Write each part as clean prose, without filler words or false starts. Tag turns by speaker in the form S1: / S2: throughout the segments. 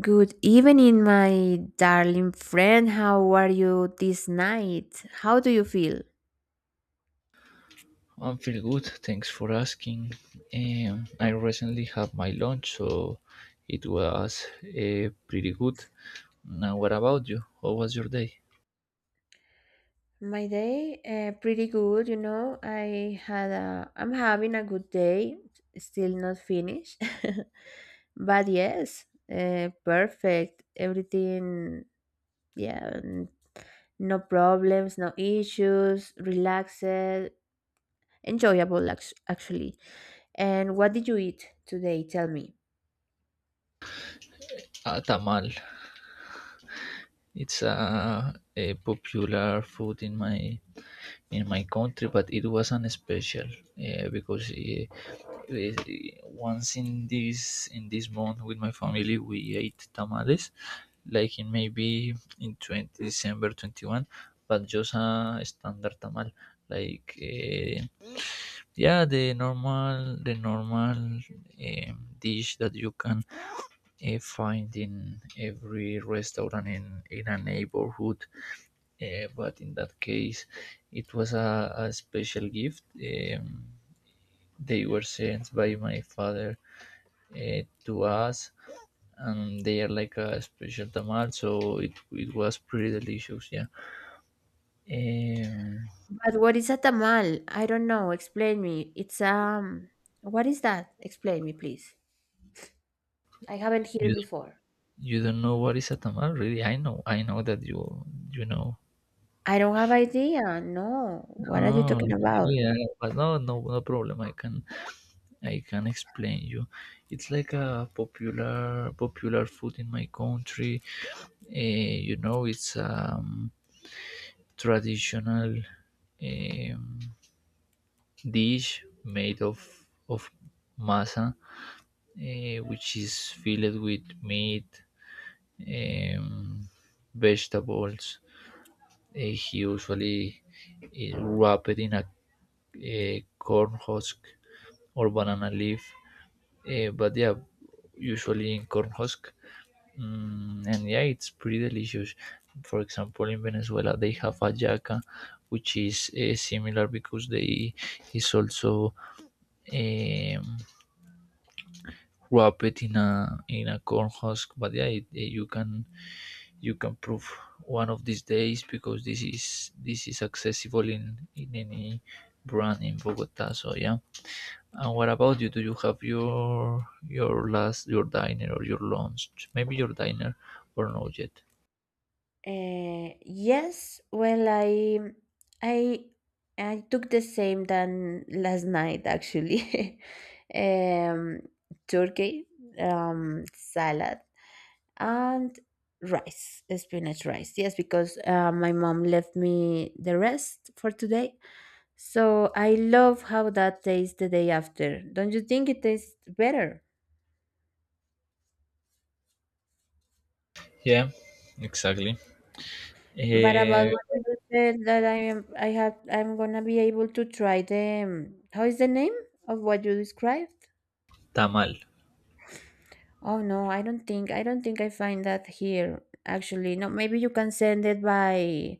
S1: Good evening, my darling friend. How are you this night? How do you feel?
S2: I'm feel good. Thanks for asking. I recently had my lunch, so it was pretty good. Now, what about you? How was your day?
S1: My day, pretty good. You know, I'm having a good day. Still not finished, but yes, perfect. Everything, yeah, no problems, no issues. Relaxed, enjoyable, actually. And what did you eat today? Tell me.
S2: Ah, tamal. It's a popular food in my country, but it wasn't special, because uh, once in this month with my family we ate tamales, like in maybe in 20 December 21, but just a standard tamal. like uh, yeah, the normal dish that you can find in every restaurant in a neighborhood. But in that case, it was a special gift. They were sent by my father to us, and they are like a special tamal, so it was pretty delicious. Yeah. Um,
S1: But what is a tamal? I don't know. Explain me. It's What is that? Explain me, please. I haven't heard
S2: you
S1: before.
S2: don't know what is a tamal, really? I know that you know.
S1: I don't have idea. No. What are you
S2: No,
S1: talking about?
S2: really, but no, no, no problem. I can explain you. It's like a popular food in my country. It's a traditional um, dish made of masa, which is filled with meat, um, vegetables. He usually is wrapped in a corn husk or banana leaf, but yeah, usually in corn husk. And yeah, it's pretty delicious. For example, in Venezuela, they have hallaca, which is similar, because they is also um, wrapped in a corn husk. But yeah, it, eh, you can prove one of these days, because this is accessible in any brand in Bogota. So yeah. And what about you? Do you have your diner or your lunch? Maybe your diner, or not yet?
S1: Yes, well, I I took the same than last night actually. um, Turkey, salad, and rice, spinach rice. Yes, because my mom left me the rest for today. So I love how that tastes the day after. Don't you think it tastes better?
S2: Yeah, exactly.
S1: But about
S2: Eh,
S1: what you said that I am, I have, I'm gonna be able to try the. How is the name of what you described?
S2: Tamal.
S1: Oh no, I don't think I find that here. Actually, no. Maybe you can send it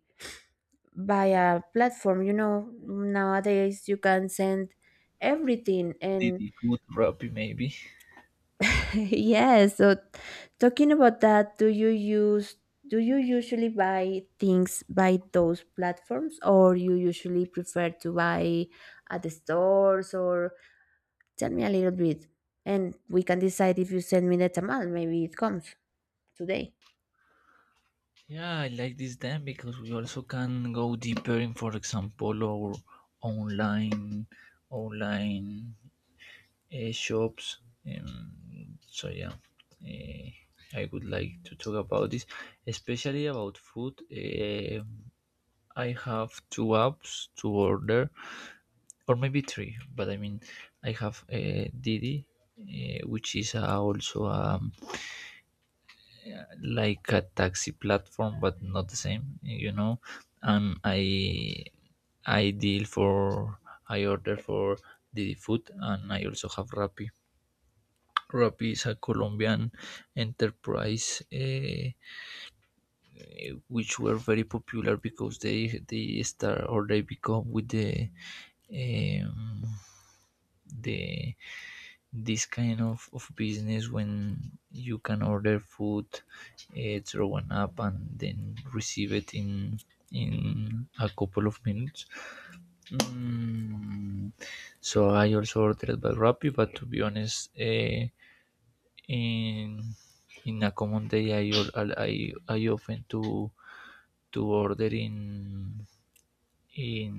S1: by a platform. You know, nowadays you can send everything, and
S2: Didi food rubby maybe.
S1: yes, so talking about that, do you usually buy things by those platforms, or you usually prefer to buy at the stores, or tell me a little bit, and we can decide if you send me the tamal, maybe it comes today.
S2: Yeah, I like this then, because we also can go deeper in, for example, our online online shops. Um, so yeah, eh, I would like to talk about this, especially about food. I have two apps to order, or maybe three. But I mean, I have Didi, which is also like a taxi platform, but not the same, you know. And I deal for I order for Didi Food, and I also have Rappi. Rappi is a Colombian enterprise, which were very popular because they start or they become with the um, the this kind of business, when you can order food throw an app, and then receive it in a couple of minutes. Mm, so I also ordered by Rappi, but to be honest, in in a common day I I often to order in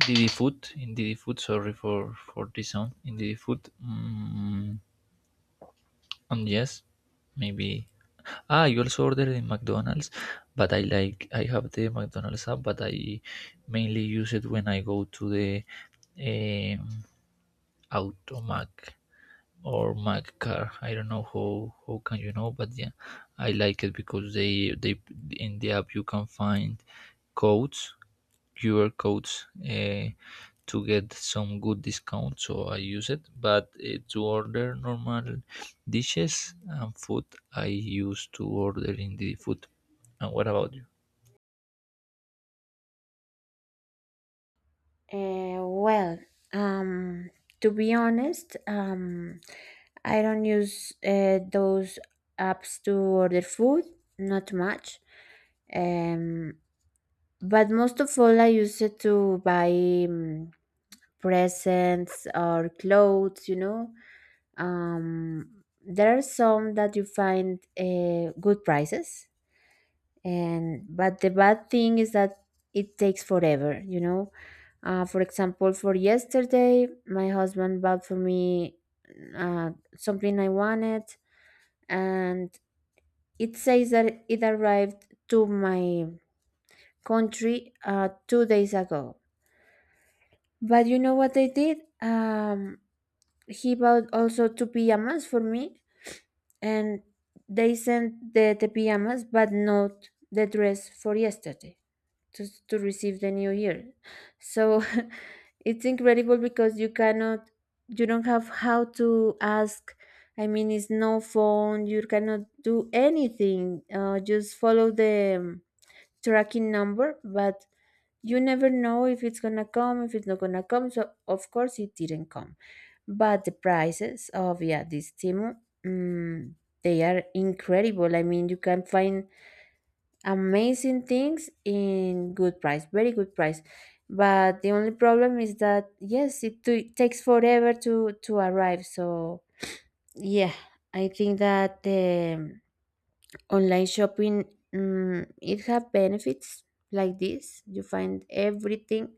S2: Didi Food. Sorry for this sound. In Didi Food. Yes, maybe. Ah, you also order in McDonald's, but I have the McDonald's app, but I mainly use it when I go to the um, Automac or Mac car. I don't know how can you know, but yeah, I like it because they in the app you can find codes, QR codes. To get some good discount, so I use it, but to order normal dishes and food, I used to order in the food. And what about you?
S1: Well, um, to be honest, I don't use those apps to order food, not much. Um, But most of all, I use it to buy um, presents or clothes, you know. There are some that you find good prices, and but the bad thing is that it takes forever, you know. For example, for yesterday, my husband bought for me uh, something I wanted, and it says that it arrived to my country 2 days ago. But you know what I did? He bought also two pajamas for me, and they sent the pajamas, but not the dress for yesterday to receive the new year. So it's incredible because you don't have how to ask. I mean, it's no phone, you cannot do anything. Just follow the tracking number, but you never know if it's gonna come, if it's not gonna come. So of course it didn't come. But the prices of, yeah, this Timu, mm, they are incredible. I mean, you can find amazing things in good price, very good price. But the only problem is that yes, it takes forever to arrive. So yeah, I think that the online shopping, it have benefits like this. You find everything,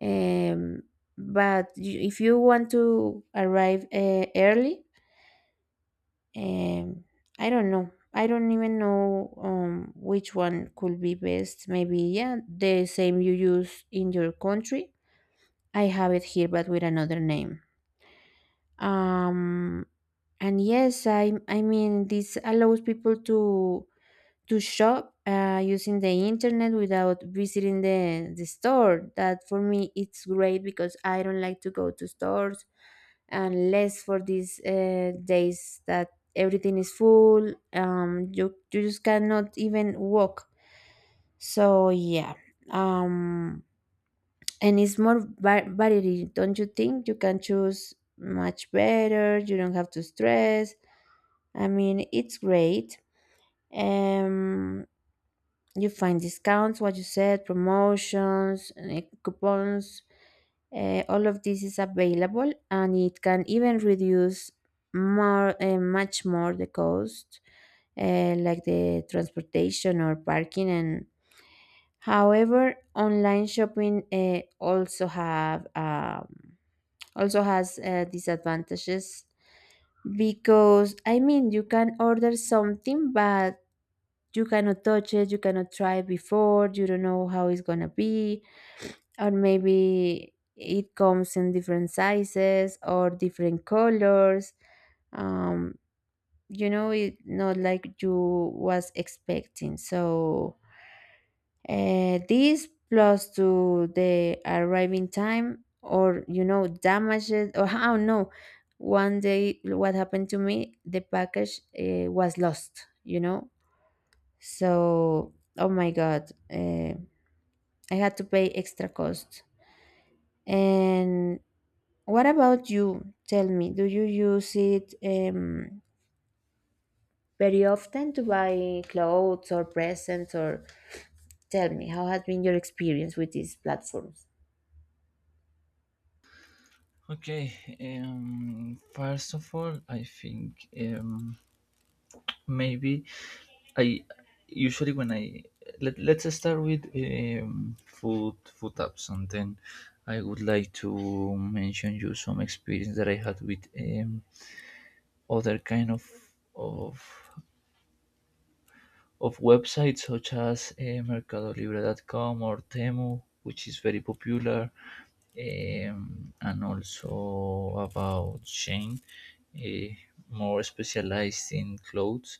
S1: um, but if you want to arrive early, um, I don't even know, which one could be best. Maybe yeah, the same you use in your country. I have it here but with another name. um, and yes, I mean this allows people to shop using the internet without visiting the store. That for me it's great because I don't like to go to stores unless for these days that everything is full. You just cannot even walk. So yeah. um, and it's more variety, don't you think? You can choose much better. You don't have to stress. I mean, it's great. Um, you find discounts, what you said, promotions, coupons, all of this is available and it can even reduce more, much more the cost, like the transportation or parking, and however, online shopping, also has disadvantages, because I mean you can order something, but you cannot touch it, you cannot try it before, you don't know how it's gonna be, or maybe it comes in different sizes or different colors. Um, you know, it not like you was expecting. So this plus to the arriving time, or you know damages, or how no one day what happened to me, the package was lost, you know. So, oh my God, I had to pay extra cost. And what about you? Tell me, do you use it very often to buy clothes or presents? Or tell me, how has been your experience with these platforms?
S2: Okay. First of all, I think maybe, I usually when I let, let's start with food apps, and then I would like to mention you some experience that I had with other kind of of websites, such as com or Temu, which is very popular, and also about Shane, eh, more specialized in clothes.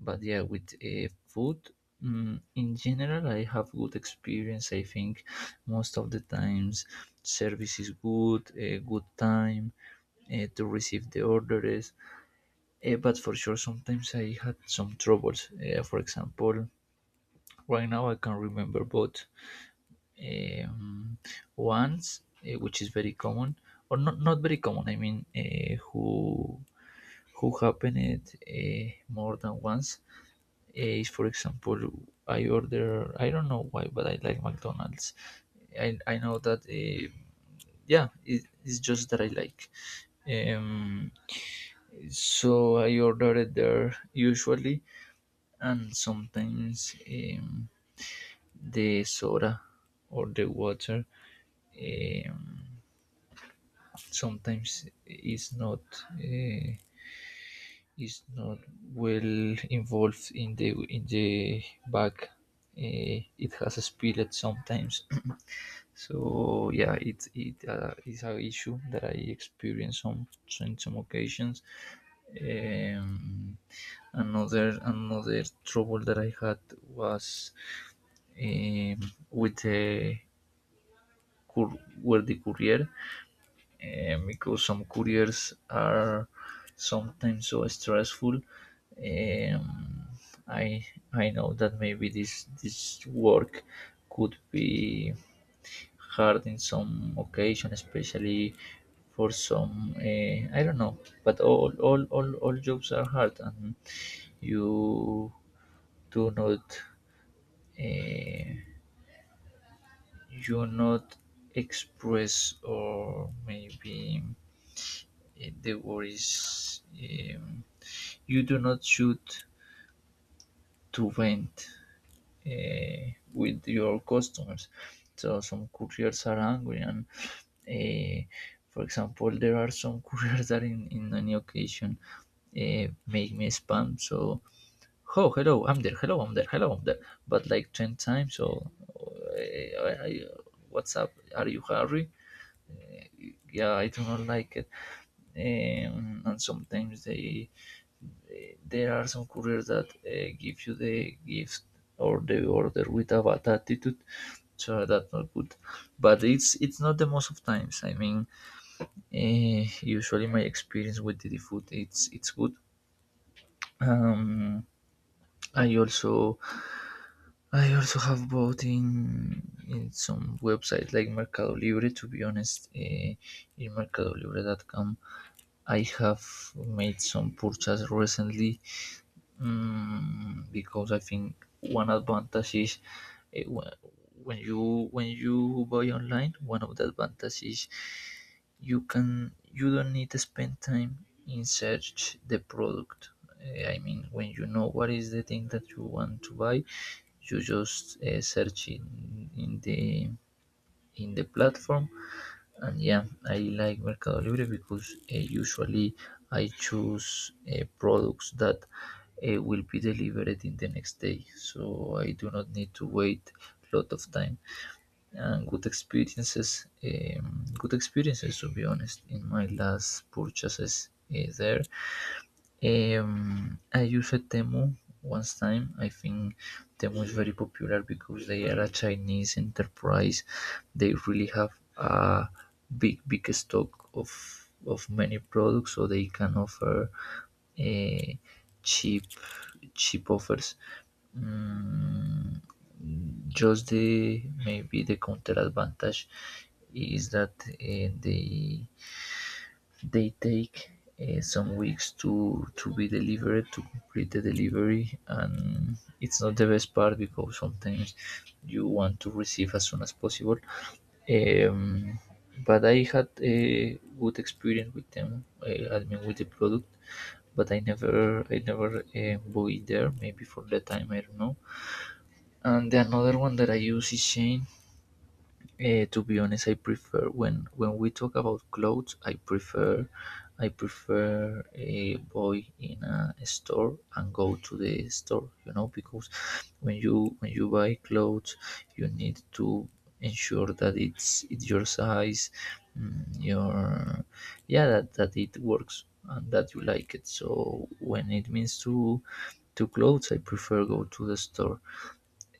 S2: But yeah, with food, in general, I have good experience. I think most of the times service is good, a good time to receive the orders. But for sure, sometimes I had some troubles. For example, right now, I can remember both. Um, Ones, which is very common, or not very common. I mean, who happened more than once is, for example, I order. I don't know why, but I like McDonald's. I know that. Yeah, it's just that I like. Um, so I order it there usually, and sometimes the soda or the water um, sometimes uh, is not well involved in the bag. It has spilled sometimes, so yeah, it is an issue that I experience on some occasions. Um, another trouble that I had was um, with the cour- where the courier, because some couriers are sometimes so stressful. Um, I I know that maybe this work could be hard in some occasion, especially for some, I don't know. But all jobs are hard, and you do not uh, you not express, or maybe, the word is, um, you do not shoot to vent uh, with your customers. So some couriers are angry, and uh, for example, there are some couriers that in any occasion make me spam. So, oh hello, I'm there. Hello, I'm there. Hello, I'm there. But like 10 times. So what's up? Are you hurry? Yeah, I do not like it. And sometimes there are some couriers that give you the gift or the order with a bad attitude, so that's not good. But it's not the most of times, I mean. uh, Usually my experience with the food, it's good. um i also I also have bought in some website like Mercado Libre, to be honest, in mercadolibre.com. I have made some purchase recently, because I think one advantage is, when you buy online, one of the advantages, you don't need to spend time in search the product. I mean, when you know what is the thing that you want to buy, you just search in the platform. And yeah, I like Mercado Libre because usually I choose products that will be delivered in the next day, so I do not need to wait a lot of time. And good experiences, good experiences, to be honest. In my last purchases there, I used Temu once time. I think Temu is very popular, because they are a Chinese enterprise. They really have a big, big stock of many products, so they can offer uh, cheap, cheap offers. Mm, just the maybe the counter advantage is that they take some weeks to be delivered, to complete the delivery, and it's not the best part, because sometimes you want to receive as soon as possible. Um, but I had a good experience with them. I mean, with the product, but I never bought it there. Maybe for that time, I don't know. And the another one that I use is Shane. To be honest, I prefer when we talk about clothes. I prefer a boy in a store and go to the store. You know, because when you buy clothes, you need to ensure that it's your size, mm, your yeah, that it works and that you like it. So when it means to clothes, I prefer go to the store.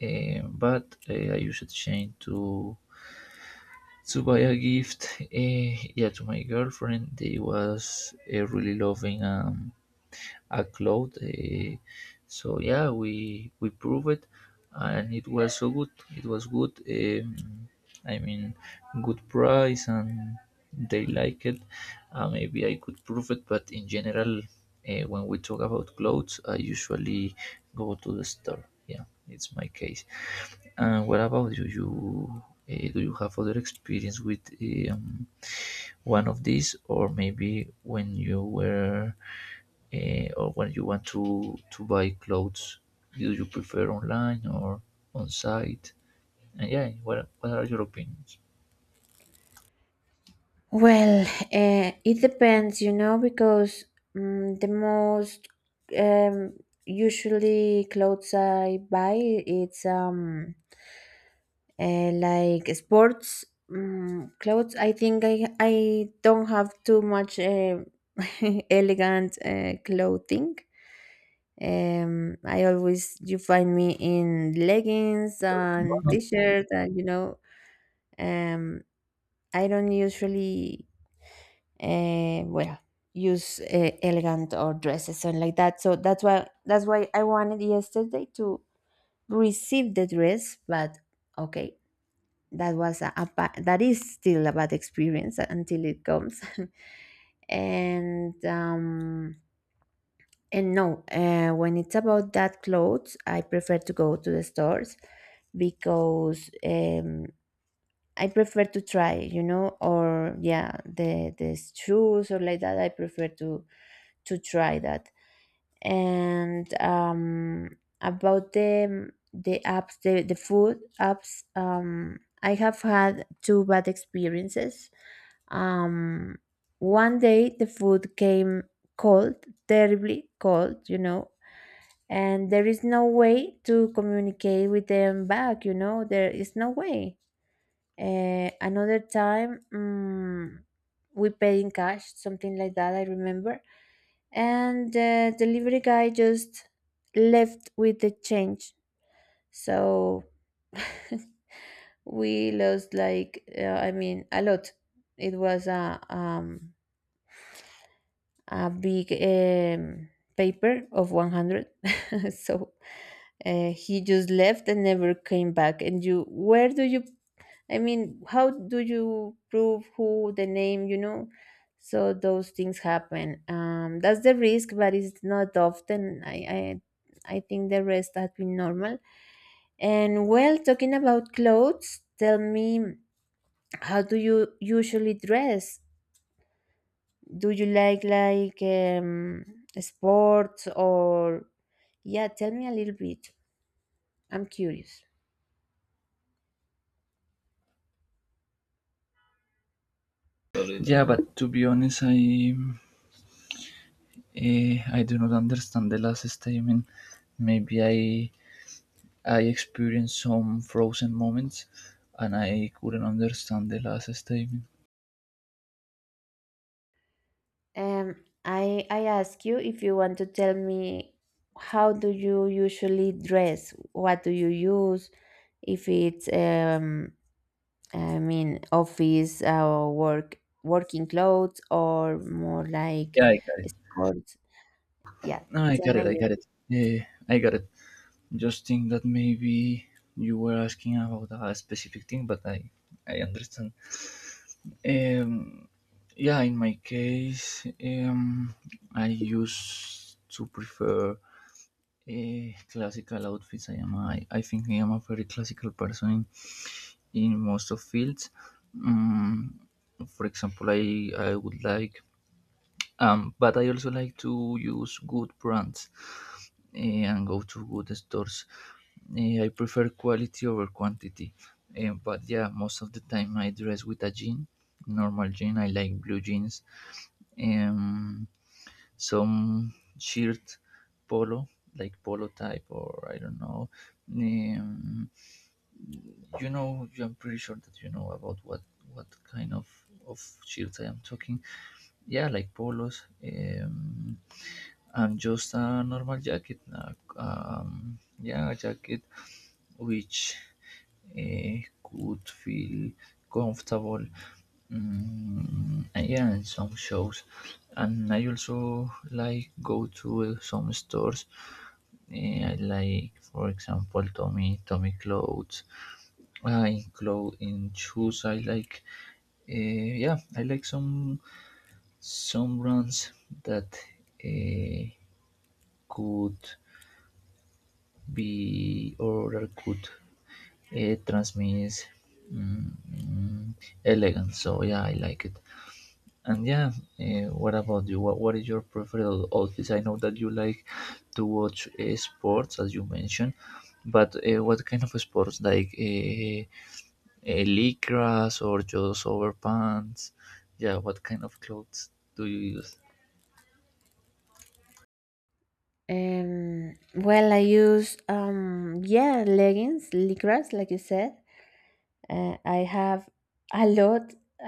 S2: But I use it change to buy a gift, yeah, to my girlfriend. They was really loving a cloud. So yeah, we prove it, and it was so good. It was good. I mean, good price, and they like it. Maybe I could prove it, but in general, when we talk about clothes, I usually go to the store. Yeah, it's my case. And what about you? Do you have other experience with um, one of these, or maybe when you were, or when you want to buy clothes? Do you prefer online or on site? And yeah, what are your opinions?
S1: Well, it depends, you know, because the most, um, usually clothes I buy, it's like sports clothes. I think I don't have too much, elegant clothing. I always you find me in leggings and t-shirt, and you know. um I don't usually, well, use elegant or dresses and like that. So that's why, I wanted yesterday to receive the dress, but okay, that was a ba- that is still a bad experience until it comes. and um and no, when it's about that clothes, I prefer to go to the stores, because I prefer to try, you know, or yeah, the shoes, or like that, I prefer to try that. And about the apps, the food apps, I have had two bad experiences. Um, One day the food came cold, terribly cold, you know, and there is no way to communicate with them back, you know, there is no way. Another time, we paid in cash, something like that, I remember. And the delivery guy just left with the change. So we lost, like, I mean, a lot. It was a big, paper of 100. So he just left and never came back, and you, where do you, I mean, how do you prove who the name, you know. So those things happen, that's the risk, but it's not often. I I think the rest has been normal. And well, talking about clothes, tell me, how do you usually dress? Do you like, sports, or yeah, tell me a little bit, I'm curious.
S2: Yeah, but to be honest, I do not understand the last statement. Maybe I experienced some frozen moments, and I couldn't understand the last statement.
S1: um I ask you, if you want to tell me, how do you usually dress, what do you use, if it's I mean, office or working clothes, or more like
S2: Yeah, I got it.
S1: sports. Yeah,
S2: No, I
S1: tell
S2: got
S1: me a
S2: it. I got it.
S1: little.
S2: Yeah, I got it. Just think that maybe you were asking about a specific thing, but I understand. Um, yeah, in my case, I used to prefer classical outfits. I think I am a very classical person in most of fields. Um, for example, I would like, but I also like to use good brands, and go to good stores. I prefer quality over quantity. But yeah, most of the time I dress with a jean, normal jean. I like blue jeans, um, some shirt polo, like polo type, or I don't know. Um, I'm pretty sure that you know about what kind of shirts I am talking. Yeah, like polos. I'm just a normal jacket, yeah, a jacket which uh, could feel comfortable. And yeah, and some shows. And I also like go to some stores. I like, for example, Tommy clothes. In clothes, in shoes, I like. Yeah, I like some brands that uh, could be oral good. It transmits, mm, mm, elegance. So yeah, I like it. And yeah, what about you? What is your preferred outfit? I know that you like to watch sports, as you mentioned. But what kind of sports, like lycras or just overpants? Yeah, what kind of clothes do you use?
S1: Well, I use, yeah, leggings, lycras, like you said. I have a lot.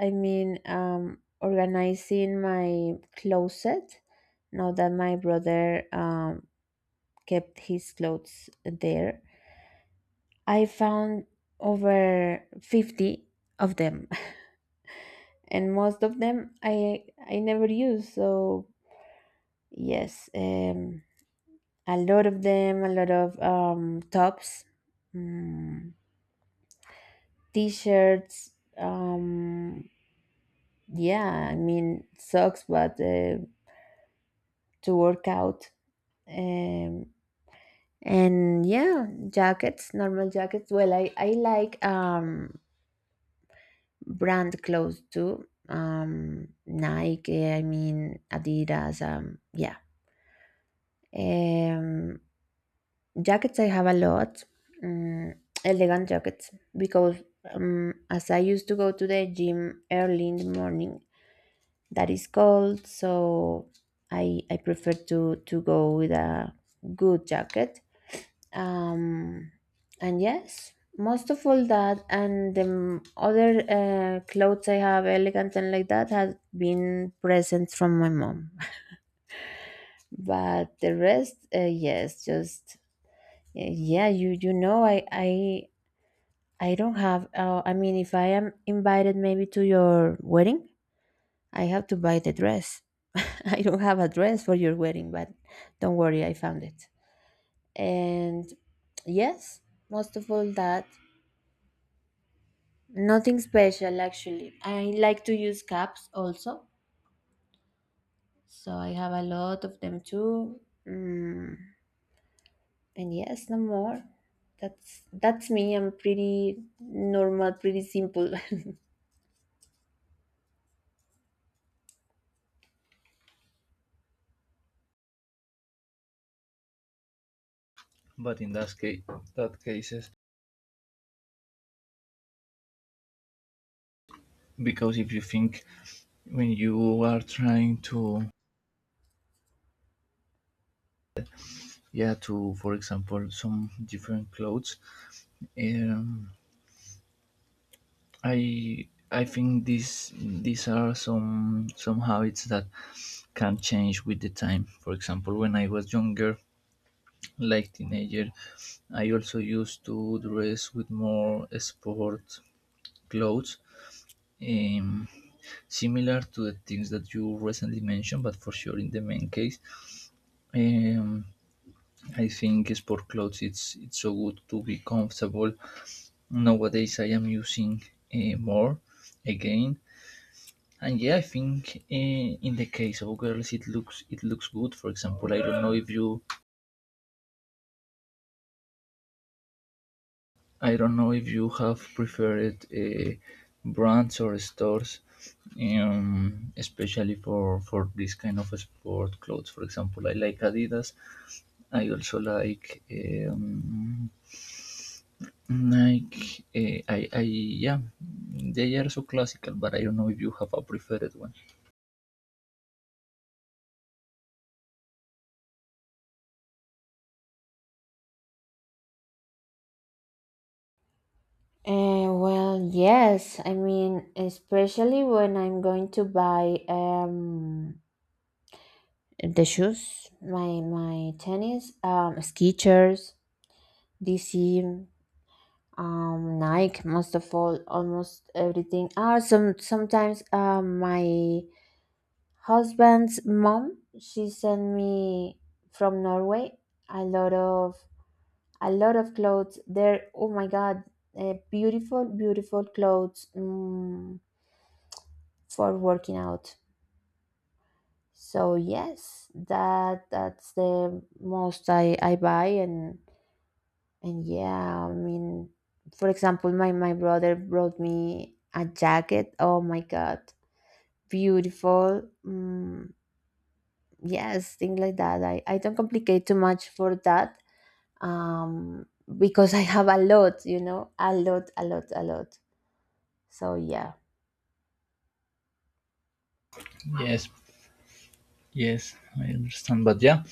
S1: I mean, organizing my closet. Now that my brother, kept his clothes there, I found over 50 of them. And most of them I never use. So yes, a lot of them, a lot of, tops, mm, t-shirts. Um, yeah, I mean socks, but to work out. Um, and yeah, jackets, normal jackets. Well, I like, brand clothes too. Nike. I mean Adidas. Yeah. Um, Jackets I have a lot, mm, elegant jackets, because, as I used to go to the gym early in the morning, that is cold, so I prefer to go with a good jacket. Um, and yes, most of all that, and the other clothes I have, elegant and like that, has been presents from my mom. But the rest, yes, just, yeah, you you know, I don't have. I mean, if I am invited maybe to your wedding, I have to buy the dress. I don't have a dress for your wedding, but don't worry, I found it. And yes, most of all that, nothing special actually. I like to use caps also, so I have a lot of them too. Mm, and yes, no more. That's me. I'm pretty normal, pretty simple.
S2: But in that case, that cases, because if you think when you are trying to, yeah, to, for example, some different clothes, um, I think these are some habits that can change with the time. For example, when I was younger, like teenager, I also used to dress with more sport clothes, um, similar to the things that you recently mentioned. But for sure, in the main case, um, I think sport clothes, it's so good to be comfortable. Nowadays I am using more again. And yeah, I think in the case of girls, it looks, it looks good. For example, I don't know if you have preferred brands or stores, especially for this kind of sport clothes. For example, I like Adidas. I also like, Nike. I yeah, they are so classical, but I don't know if you have a preferred one.
S1: Well, yes. I mean, especially when I'm going to buy the shoes, my tennis, Skechers, DC, Nike. Most of all, almost everything. Ah, sometimes my husband's mom, she sent me from Norway a lot of, clothes. There, oh my God, beautiful, beautiful clothes. For working out. So yes, that's the most I, buy. And yeah, I mean, for example, my brother brought me a jacket. Oh my god. Beautiful. Yes, things like that. I don't complicate too much for that. Um because I have a lot, you know, a lot, a lot, a lot. So yeah.
S2: Yes, yes, I understand. But yeah,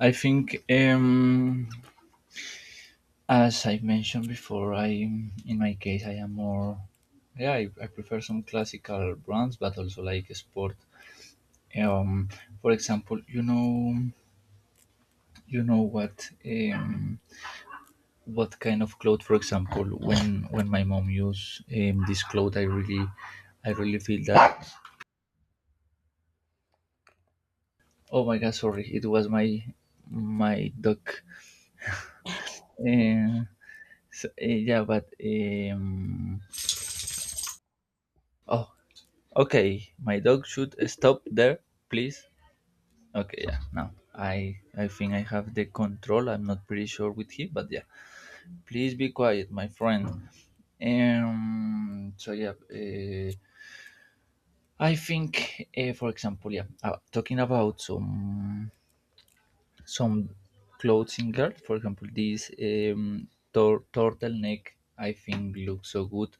S2: I think, as I mentioned before, I in my case I am more, yeah, I prefer some classical brands, but also like sport. Um, for example, you know what, what kind of cloth? For example, when my mom use, this cloth, I really feel that. Oh my God! Sorry, it was my dog. Uh, So, yeah, but oh, okay. My dog should stop there, please. Okay, yeah. Now I think I have the control. I'm not pretty sure with him, but yeah. Please be quiet, my friend. So yeah. I think, for example, yeah. Talking about some clothing girl, for example, this, turtleneck, I think looks so good.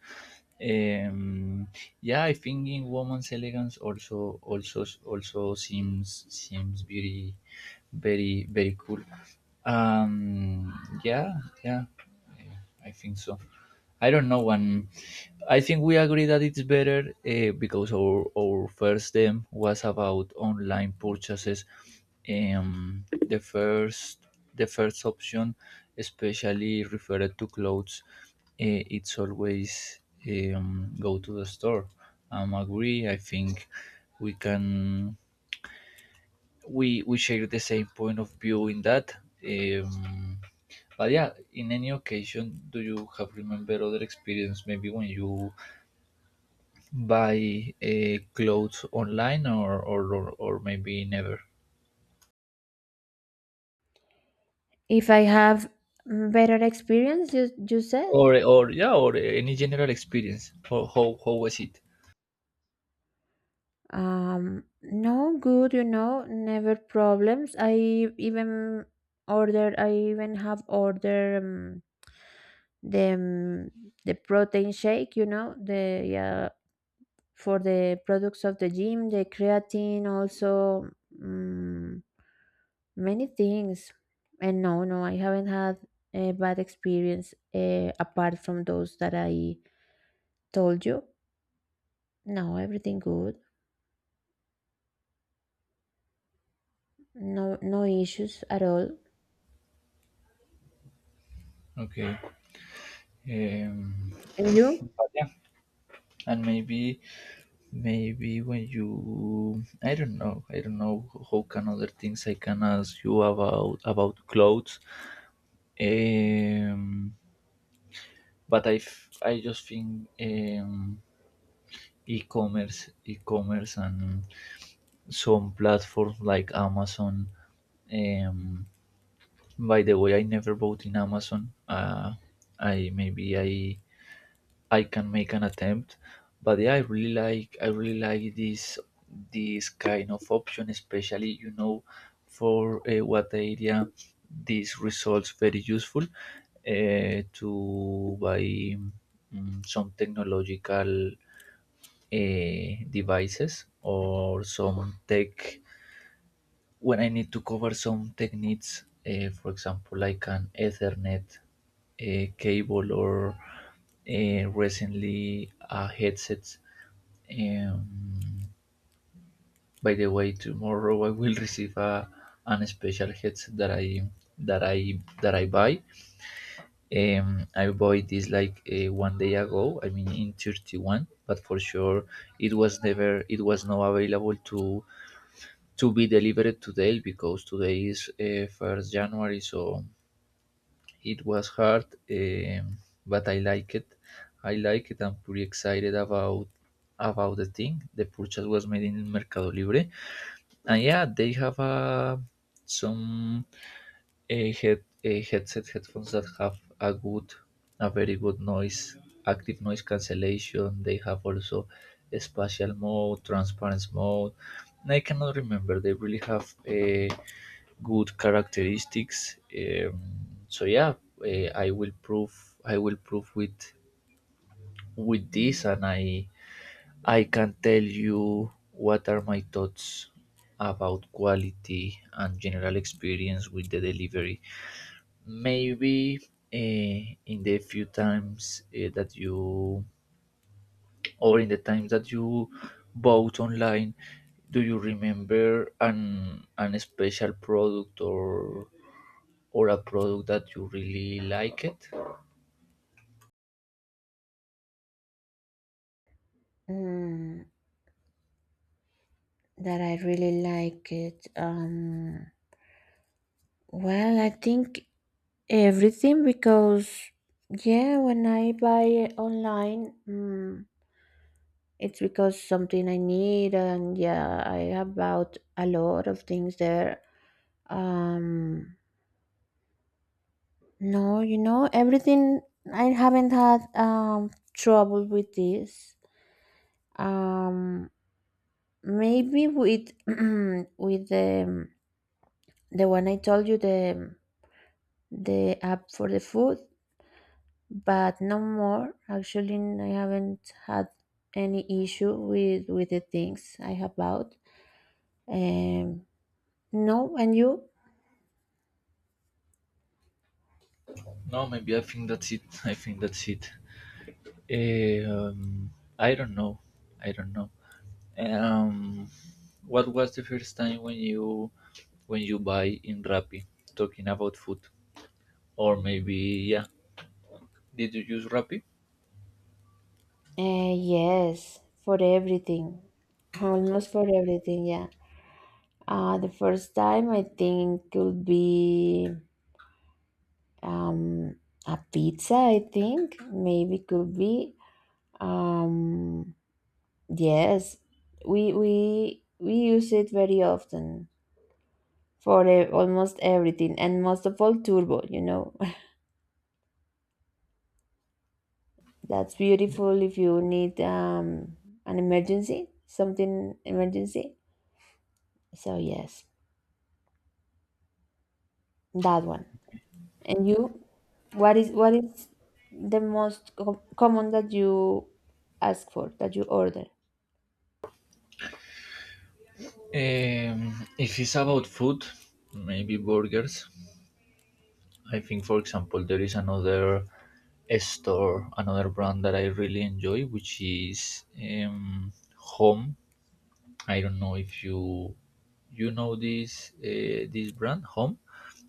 S2: um yeah, I think in woman's elegance, also seems very, very cool. um yeah yeah yeah, I think so. I don't know. When. I think we agree that it's better, because our first them was about online purchases. Um, the first the first option, especially referred to clothes, it's always, go to the store. I'm agree. I think we can we share the same point of view in that. Um, but yeah, in any occasion, do you have remember other experience? Maybe when you buy clothes online, or maybe never,
S1: If I have, better experience, you said?
S2: or yeah, or any general experience. How was it?
S1: No good, you know, never problems. I even have ordered, the um, the protein shake. You know, the, for the products of the gym, the creatine, also um, many things. And no, no, I haven't had a bad experience, apart from those that I told you. No, everything good. No, no issues at all.
S2: Okay. Um,
S1: And you?
S2: but yeah, and maybe, maybe when you I don't know how can other things I can ask you about clothes. Um, but I just think, e-commerce, and some platforms like Amazon. Um, by the way, I never bought in Amazon. I maybe I can make an attempt. But yeah, I really like this kind of option, especially, you know, for, what area this results very useful, to buy, some technological, devices or some tech when I need to cover some techniques, for example, like an Ethernet, cable or, recently a headset. Um, by the way, tomorrow I will receive a, an special headset that I buy. I bought this like one day ago. I mean, in 31, but for sure it was not available to be delivered today because today is 1st January, so it was hard, but I like it. I like it. I'm pretty excited about the thing. The purchase was made in Mercado Libre, and yeah, they have, some head headset headphones that have a good, a very good noise, active noise cancellation. They have also spatial mode, transparency mode. I cannot remember. They really have a good characteristics. So yeah, uh, I will prove I will prove with this, and I can tell you what are my thoughts about quality and general experience with the delivery. Maybe uh, in the few times that you, or in the times that you bought online, do you remember an special product or a product that you really like it.
S1: Mm, that I really like it. Well, I think everything because, yeah, when I buy it online, it's because something I need, and yeah, I have bought a lot of things there. Um, no, you know, everything I haven't had trouble with this. Um, Maybe with with the one I told you, the app for the food, but no more. Actually, I haven't had any issue with the things I have bought. Um, no, and you?
S2: No, maybe I think that's it. I think that's it. Um, I don't know. I don't know. Um, what was the first time when you, when you buy in Rappi? Talking about food, or maybe, yeah, did you use Rappi?
S1: Yes, for everything, almost for everything. Yeah. The first time I think could be, um a pizza. I think maybe could be, um yes. We use it very often for almost everything, and most of all turbo, you know. That's beautiful if you need, an emergency, something emergency, so yes, that one. And you, what is the most common that you ask for, that you order?
S2: If it's about food, maybe burgers. I think, for example, there is another store, another brand that I really enjoy, which is, Home. I don't know if you know this, this brand Home.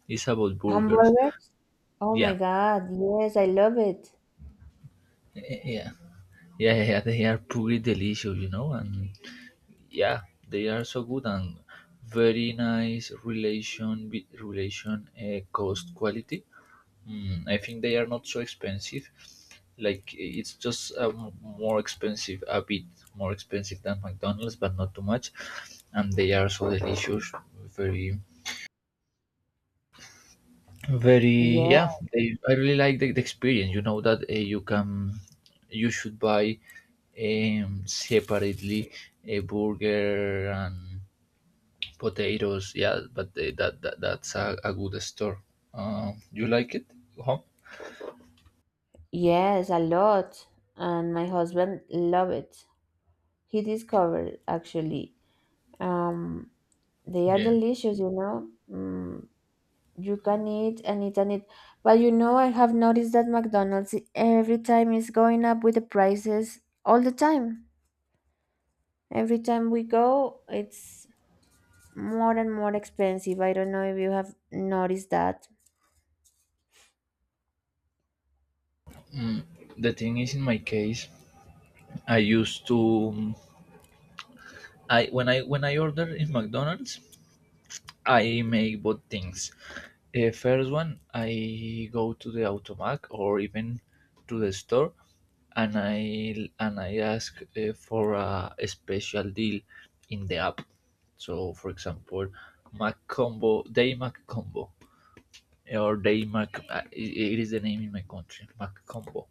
S2: Is about burgers.
S1: Hamburgers? Oh my
S2: Yeah,
S1: god, yes, I love it.
S2: eh, yeah, yeah, They are pretty delicious, you know, and yeah, they are so good and very nice relation relation, cost quality. I think they are not so expensive. Like it's just, more expensive than McDonald's, but not too much. And they are so delicious, very, very.
S1: Yeah,
S2: Yeah, they, I really like the experience. You know that you can, you should buy, separately a burger and potatoes. Yeah, but they, that, that that's a good store. You like it? Huh?
S1: yes, a lot, and my husband love it. He discovered, actually, um they are
S2: Yeah.
S1: delicious, you know. You can eat and eat and eat. But you know, I have noticed that McDonald's every time is going up with the prices all the time. Every time we go, it's more and more expensive. I don't know if you have noticed that.
S2: Mm, the thing is, in my case. I used to I when I when I order in McDonald's, I make both things. First one, I go to the automac or even to the store, and I ask, for a special deal in the app. So, for example, Mac combo, day Mac combo or daily mac, it is the name in my country mac combo,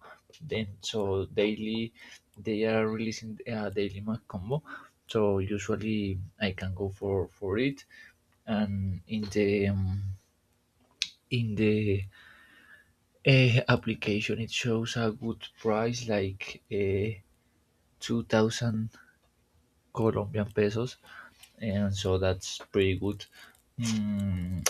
S2: then so daily, they are releasing a daily mac combo, so usually I can go for it. And in the, in the application it shows a good price like 2,000 colombian pesos, and so that's pretty good. Mm,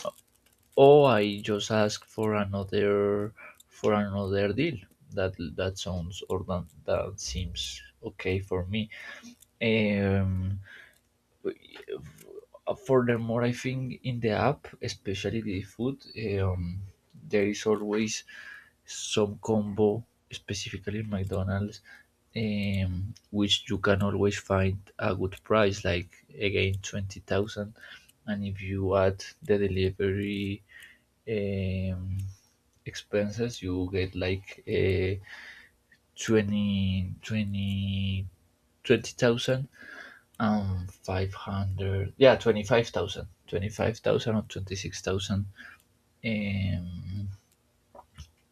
S2: Oh, I just ask for another, for another deal. That that sounds or that that seems okay for me. Um, Furthermore, I think in the app, especially the food, um, there is always some combo, specifically in McDonald's, which you can always find a good price, like again 20,000, and if you add the delivery, um, expenses, you get like 20, 20, 500, yeah, twenty five thousand twenty five hundred, yeah, twenty-five thousand or 26,000, um,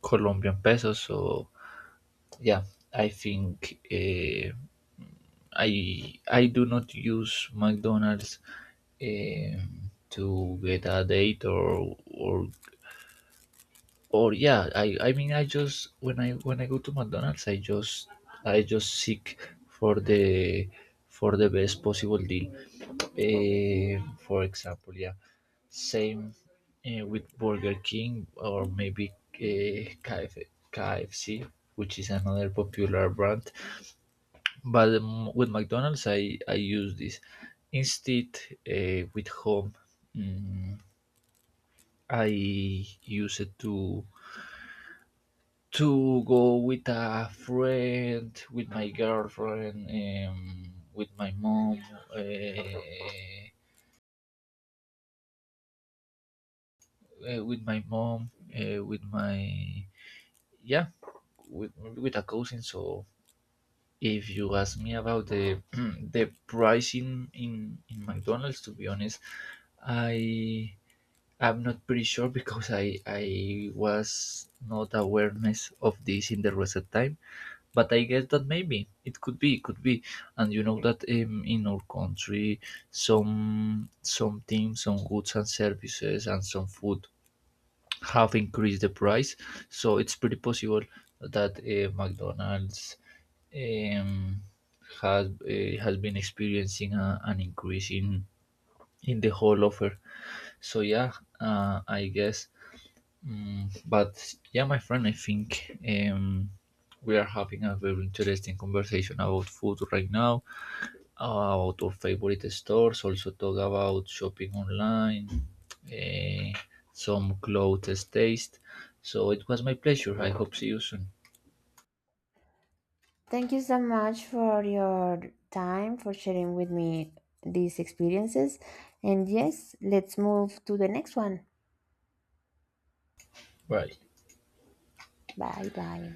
S2: Colombian pesos. So, yeah, I think, I do not use McDonald's, to get a date or yeah, I mean I just when I go to McDonald's I just, I just seek for the, for the best possible deal. For example, yeah, same, with Burger King or maybe eh KF, KFC, which is another popular brand. But with McDonald's, I use this. Instead, with home, mm, I use it to go with a friend, with my girlfriend, uh, with my mom, with my yeah, with a cousin. So if you ask me about the the pricing in McDonald's, to be honest, I I'm not pretty sure because I was not awareness of this in the recent time, but I guess that maybe it could be, and you know that, in our country, some things, some goods and services, and some food have increased the price. So it's pretty possible that, McDonald's, um, has been experiencing a, an increase in the whole offer. So yeah, I guess. But yeah, my friend, I think, um, we are having a very interesting conversation about food right now, about our favorite stores, also talk about shopping online, eh, some clothes taste. So it was my pleasure. I hope see you soon.
S1: Thank you so much for your time, for sharing with me these experiences. And yes, let's move to the next one.
S2: Bye.
S1: Bye bye.